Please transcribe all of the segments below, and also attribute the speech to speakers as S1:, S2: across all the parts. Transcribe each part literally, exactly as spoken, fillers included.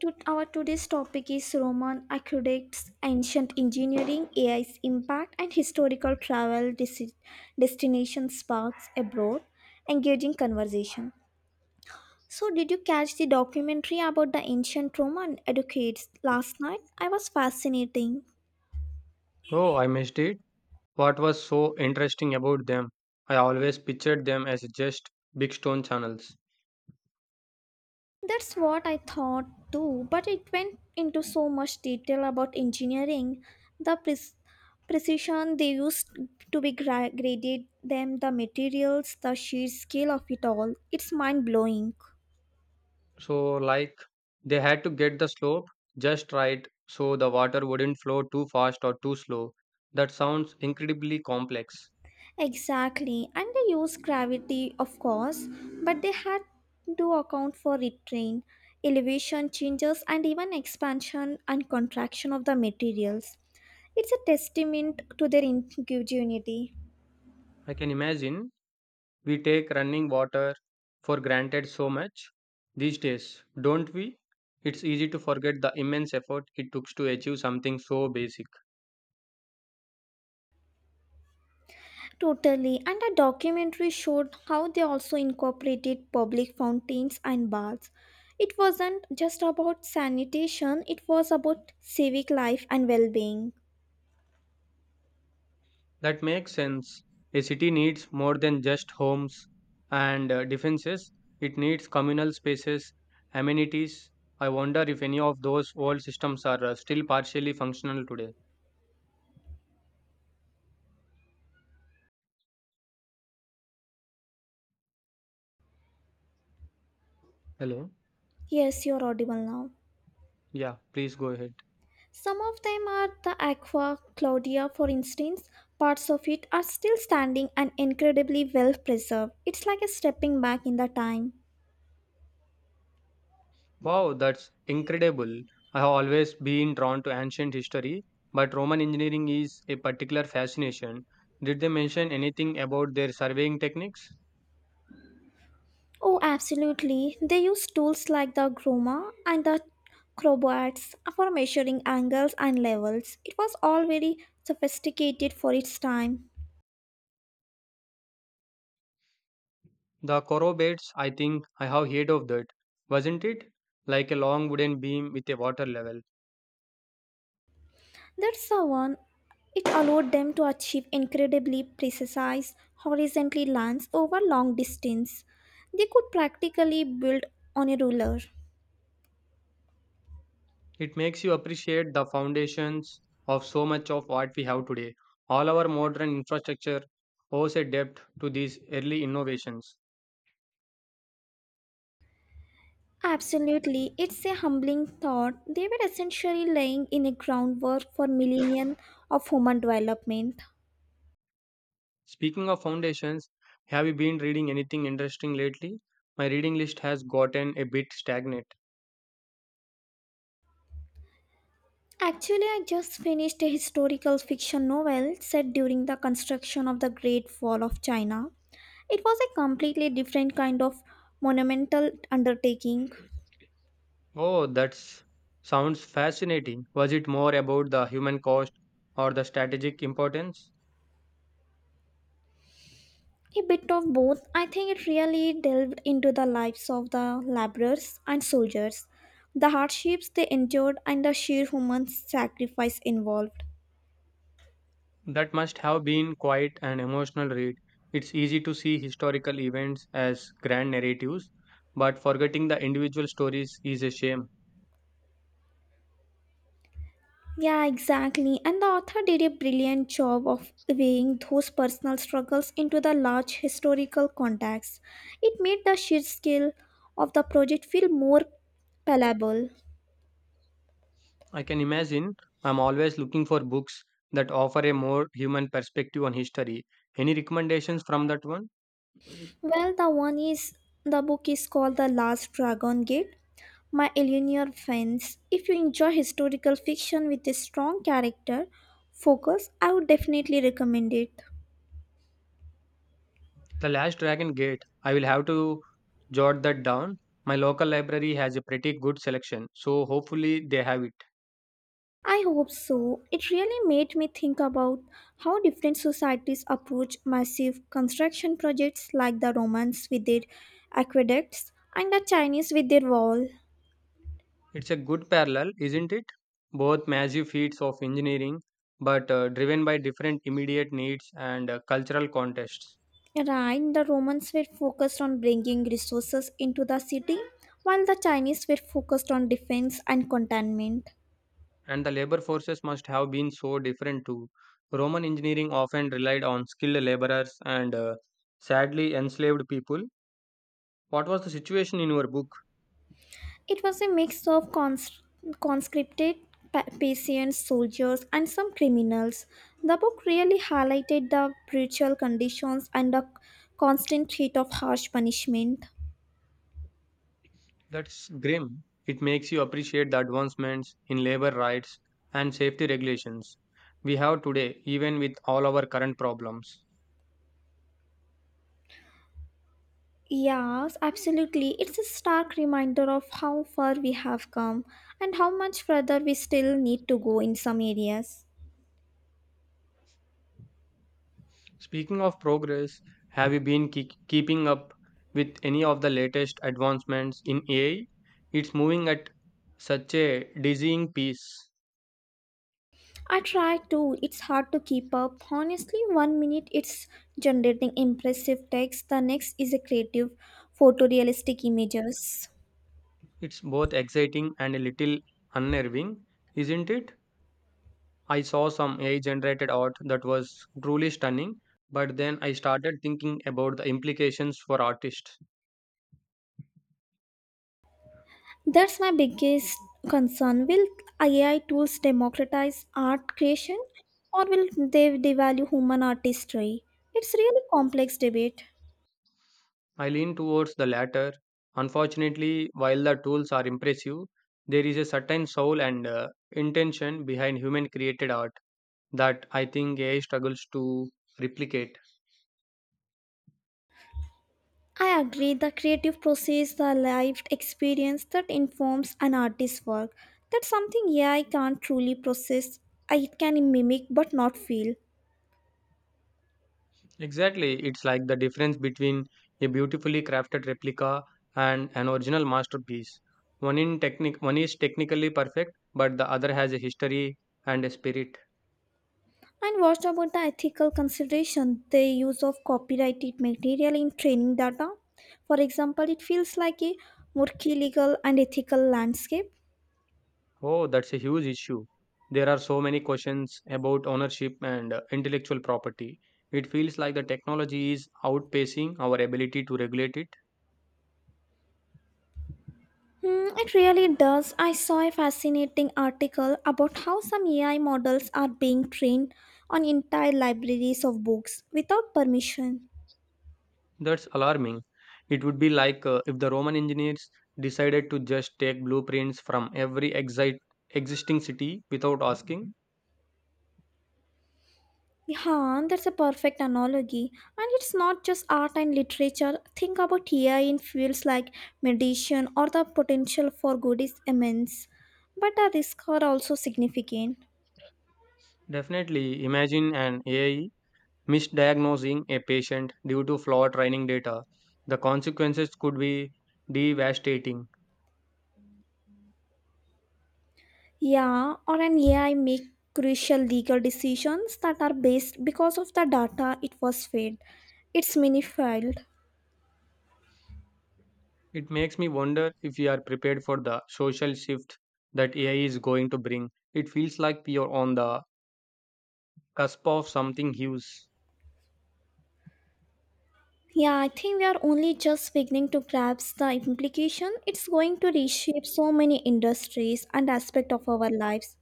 S1: To our today's topic is Roman aqueducts, ancient engineering, A I's impact, and historical travel desi- destination sparks abroad. Engaging conversation. So, did you catch the documentary about the ancient Roman aqueducts last night? I was fascinating.
S2: Oh, I missed it. What was so interesting about them? I always pictured them as just big stone channels.
S1: That's what I thought too, but it went into so much detail about engineering, the pres- precision they used to be gra- graded them, the materials, the sheer scale of it all. It's mind blowing.
S2: So, like, they had to get the slope just right so the water wouldn't flow too fast or too slow. That sounds incredibly complex.
S1: Exactly, and they use gravity, of course, but they had to account for retrain, elevation changes, and even expansion and contraction of the materials. It's a testament to their ingenuity.
S2: I can imagine we take running water for granted so much these days, don't we? It's easy to forget the immense effort it took to achieve something so basic.
S1: Totally, and a documentary showed how they also incorporated public fountains and baths. It wasn't just about sanitation, it was about civic life and well being.
S2: That makes sense. A city needs more than just homes and uh, defenses, it needs communal spaces, amenities. I wonder if any of those old systems are uh, still partially functional today. Hello?
S1: Yes, you're audible now.
S2: Yeah, please go ahead.
S1: Some of them are the Aqua Claudia, for instance. Parts of it are still standing and incredibly well preserved. It's like a stepping back in the time.
S2: Wow, that's incredible. I have always been drawn to ancient history, but Roman engineering is a particular fascination. Did they mention anything about their surveying techniques?
S1: Oh, absolutely. They use tools like the groma and the crowbars for measuring angles and levels. It was all very sophisticated for its time.
S2: The corrobates, I think I have heard of that. Wasn't it? Like a long wooden beam with a water level.
S1: That's the one. It allowed them to achieve incredibly precise horizontally lines over long distance. They could practically build on a ruler.
S2: It makes you appreciate the foundations of so much of what we have today. All our modern infrastructure owes a debt to these early innovations.
S1: Absolutely, it's a humbling thought. They were essentially laying in a groundwork for millennia of human development.
S2: Speaking of foundations, have you been reading anything interesting lately? My reading list has gotten a bit stagnant.
S1: Actually, I just finished a historical fiction novel set during the construction of the Great Wall of China. It was a completely different kind of monumental undertaking.
S2: Oh, that's sounds fascinating. Was it more about the human cost or the strategic importance?
S1: A bit of both, I think it really delved into the lives of the laborers and soldiers, the hardships they endured, and the sheer human sacrifice involved.
S2: That must have been quite an emotional read. It's easy to see historical events as grand narratives, but forgetting the individual stories is a shame.
S1: Yeah, exactly. And the author did a brilliant job of weighing those personal struggles into the large historical context. It made the sheer scale of the project feel more palatable.
S2: I can imagine I'm always looking for books that offer a more human perspective on history. Any recommendations from that one?
S1: Well, the one is the book is called The Last Dragon Gate my Eleanor fans, if you enjoy historical fiction with a strong character focus, I would definitely recommend it.
S2: The Last Dragon Gate. I will have to jot that down. My local library has a pretty good selection, so hopefully they have it.
S1: I hope so. It really made me think about how different societies approach massive construction projects like the Romans with their aqueducts and the Chinese with their wall.
S2: It's a good parallel, isn't it? Both massive feats of engineering, but uh, driven by different immediate needs and uh, cultural contexts.
S1: Right, the Romans were focused on bringing resources into the city, while the Chinese were focused on defense and containment.
S2: And the labor forces must have been so different too. Roman engineering often relied on skilled laborers and uh, sadly enslaved people. What was the situation in your book?
S1: It was a mix of cons- conscripted pa- patients, soldiers, and some criminals. The book really highlighted the brutal conditions and the constant threat of harsh punishment.
S2: That's grim. It makes you appreciate the advancements in labor rights and safety regulations we have today, even with all our current problems.
S1: Yes, absolutely. It's a stark reminder of how far we have come and how much further we still need to go in some areas.
S2: Speaking of progress, have you been keep keeping up with any of the latest advancements in A I? It's moving at such a dizzying pace.
S1: I try to. It's hard to keep up. Honestly, one minute it's generating impressive text, the next is a creative, photorealistic images.
S2: It's both exciting and a little unnerving, isn't it? I saw some A I generated art that was truly stunning, but then I started thinking about the implications for artists.
S1: That's my biggest concern. Will A I tools democratize art creation or will they devalue human artistry? It's really complex debate.
S2: I lean towards the latter. Unfortunately, while the tools are impressive, there is a certain soul and uh, intention behind human created art that I think A I struggles to replicate.
S1: I agree, the creative process, the lived experience that informs an artist's work. That's something, yeah, I can't truly process. I It can mimic but not feel.
S2: Exactly, it's like the difference between a beautifully crafted replica and an original masterpiece. One in technic one is technically perfect, but the other has a history and a spirit.
S1: And what about the ethical consideration, the use of copyrighted material in training data? For example, it feels like a murky legal and ethical landscape.
S2: Oh, that's a huge issue. There are so many questions about ownership and uh, intellectual property. It feels like the technology is outpacing our ability to regulate it.
S1: Hmm, it really does. I saw a fascinating article about how some A I models are being trained on entire libraries of books without permission.
S2: That's alarming. It would be like uh, if the Roman engineers decided to just take blueprints from every exi- existing city without asking.
S1: Yeah, that's a perfect analogy. And it's not just art and literature. Think about A I in fields like medicine or the potential for good is immense. But the risks are also significant.
S2: Definitely imagine an A I misdiagnosing a patient due to flawed training data. The consequences could be devastating.
S1: Yeah, or an A I make crucial legal decisions that are based because of the data it was fed. It's manifold.
S2: It makes me wonder if we are prepared for the social shift that A I is going to bring. It feels like we are on the cusp of something huge.
S1: Yeah, I think we are only just beginning to grasp the implication. It's going to reshape so many industries and aspects of our lives.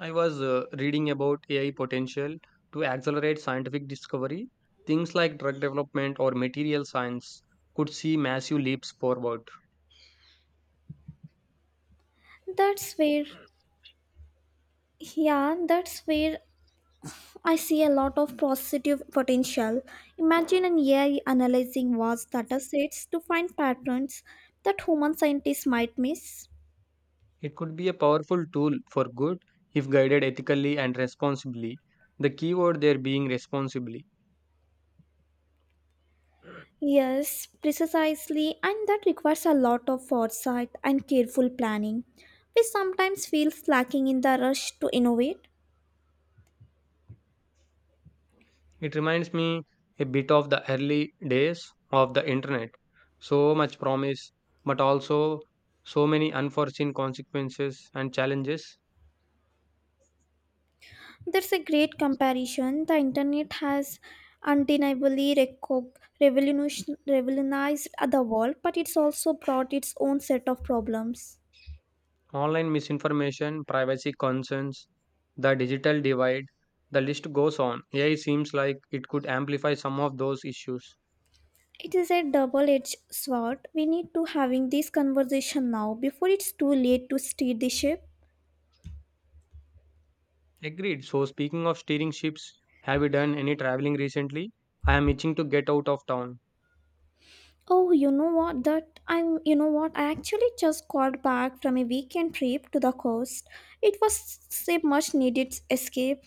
S2: I was uh, reading about A I potential to accelerate scientific discovery. Things like drug development or material science could see massive leaps forward.
S1: That's where, yeah, that's where I see a lot of positive potential. Imagine an A I analyzing vast data sets to find patterns that human scientists might miss.
S2: It could be a powerful tool for good if guided ethically and responsibly. The keyword there being responsibly.
S1: Yes, precisely, and that requires a lot of foresight and careful planning. We sometimes feel lacking in the rush to innovate.
S2: It reminds me a bit of the early days of the internet. So much promise, but also so many unforeseen consequences and challenges.
S1: There's a great comparison. The internet has undeniably reco- revolution- revolutionized the world, but it's also brought its own set of problems.
S2: Online misinformation, privacy concerns, the digital divide, the list goes on. A I seems like it could amplify some of those issues.
S1: It is a double-edged sword. We need to having this conversation now before it's too late to steer the ship.
S2: Agreed. So, speaking of steering ships, have you done any traveling recently? I am itching to get out of town.
S1: Oh, you know what? That I'm, you know what? I actually just got back from a weekend trip to the coast. It was a much needed escape.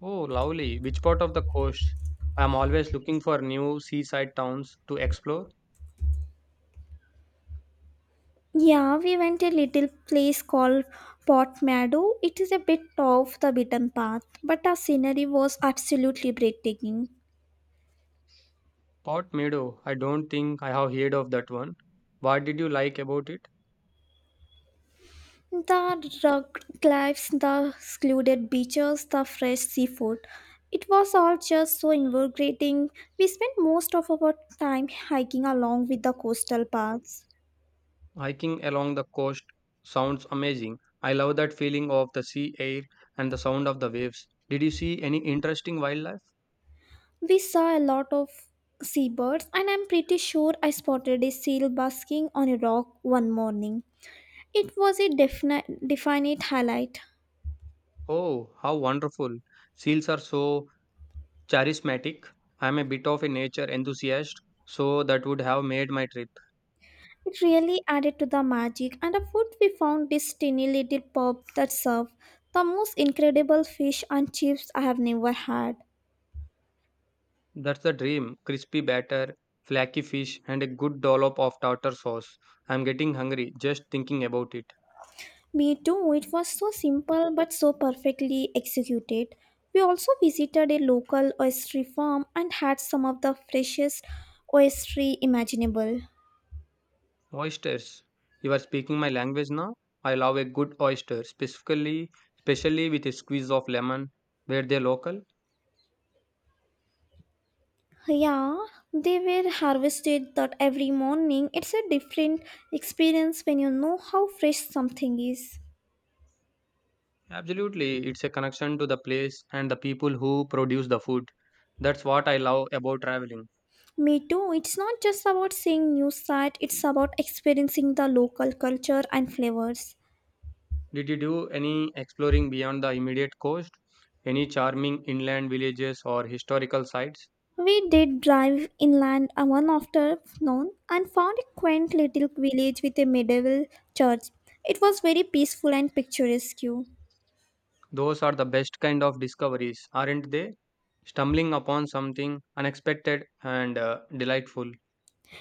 S2: Oh, lovely. Which part of the coast? I'm always looking for new seaside towns to explore.
S1: Yeah, we went a little place called Port Meadow. It is a bit off the beaten path, but the scenery was absolutely breathtaking.
S2: Port Meadow, I don't think I have heard of that one. What did you like about it?
S1: The rugged cliffs, the secluded beaches, the fresh seafood. It was all just so invigorating. We spent most of our time hiking along with the coastal paths.
S2: Hiking along the coast sounds amazing. I love that feeling of the sea air and the sound of the waves. Did you see any interesting wildlife?
S1: We saw a lot of seabirds, and I'm pretty sure I spotted a seal basking on a rock one morning. It was a definite, definite highlight.
S2: Oh, how wonderful. Seals are so charismatic. I'm a bit of a nature enthusiast, so that would have made my trip.
S1: It really added to the magic, and the food we found this tiny little pub that served the most incredible fish and chips I have never had.
S2: That's the dream. Crispy batter, flaky fish, and a good dollop of tartar sauce. I'm getting hungry just thinking about it.
S1: Me too, it was so simple but so perfectly executed. We also visited a local oyster farm and had some of the freshest oyster imaginable.
S2: Oysters. You are speaking my language now? I love a good oyster, specifically, especially with a squeeze of lemon. Where they're local?
S1: Yeah, they were harvested that every morning. It's a different experience when you know how fresh something is.
S2: Absolutely. It's a connection to the place and the people who produce the food. That's what I love about traveling.
S1: Me too. It's not just about seeing new sight, it's about experiencing the local culture and flavors.
S2: Did you do any exploring beyond the immediate coast? Any charming inland villages or historical sites?
S1: We did drive inland uh, one afternoon and found a quaint little village with a medieval church. It was very peaceful and picturesque.
S2: Those are the best kind of discoveries, aren't they? Stumbling upon something unexpected and uh, delightful.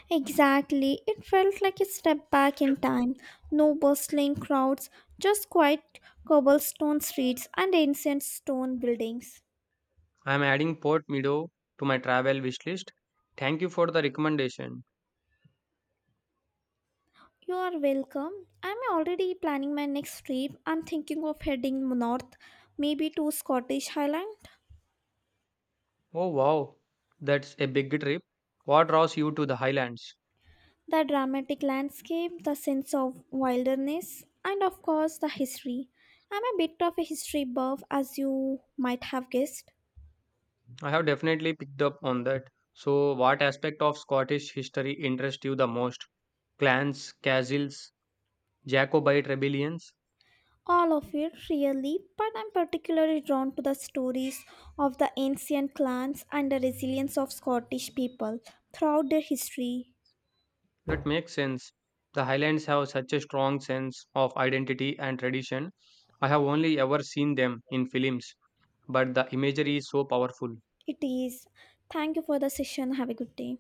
S1: Exactly. It felt like a step back in time. No bustling crowds, just quiet cobblestone streets and ancient stone buildings.
S2: I am adding Port Meadow to my travel wish list. Thank you for the recommendation.
S1: You are welcome. I'm already planning my next trip. I'm thinking of heading north, maybe to Scottish Highland.
S2: Oh wow, that's a big trip. What draws you to the Highlands?
S1: The dramatic landscape, the sense of wilderness, and of course the history. I'm a bit of a history buff, as you might have guessed.
S2: I have definitely picked up on that. So, what aspect of Scottish history interests you the most? Clans, castles, Jacobite rebellions?
S1: All of it, really, but I'm particularly drawn to the stories of the ancient clans and the resilience of Scottish people throughout their history.
S2: That makes sense. The Highlands have such a strong sense of identity and tradition. I have only ever seen them in films, but the imagery is so powerful.
S1: It is. Thank you for the session. Have a good day.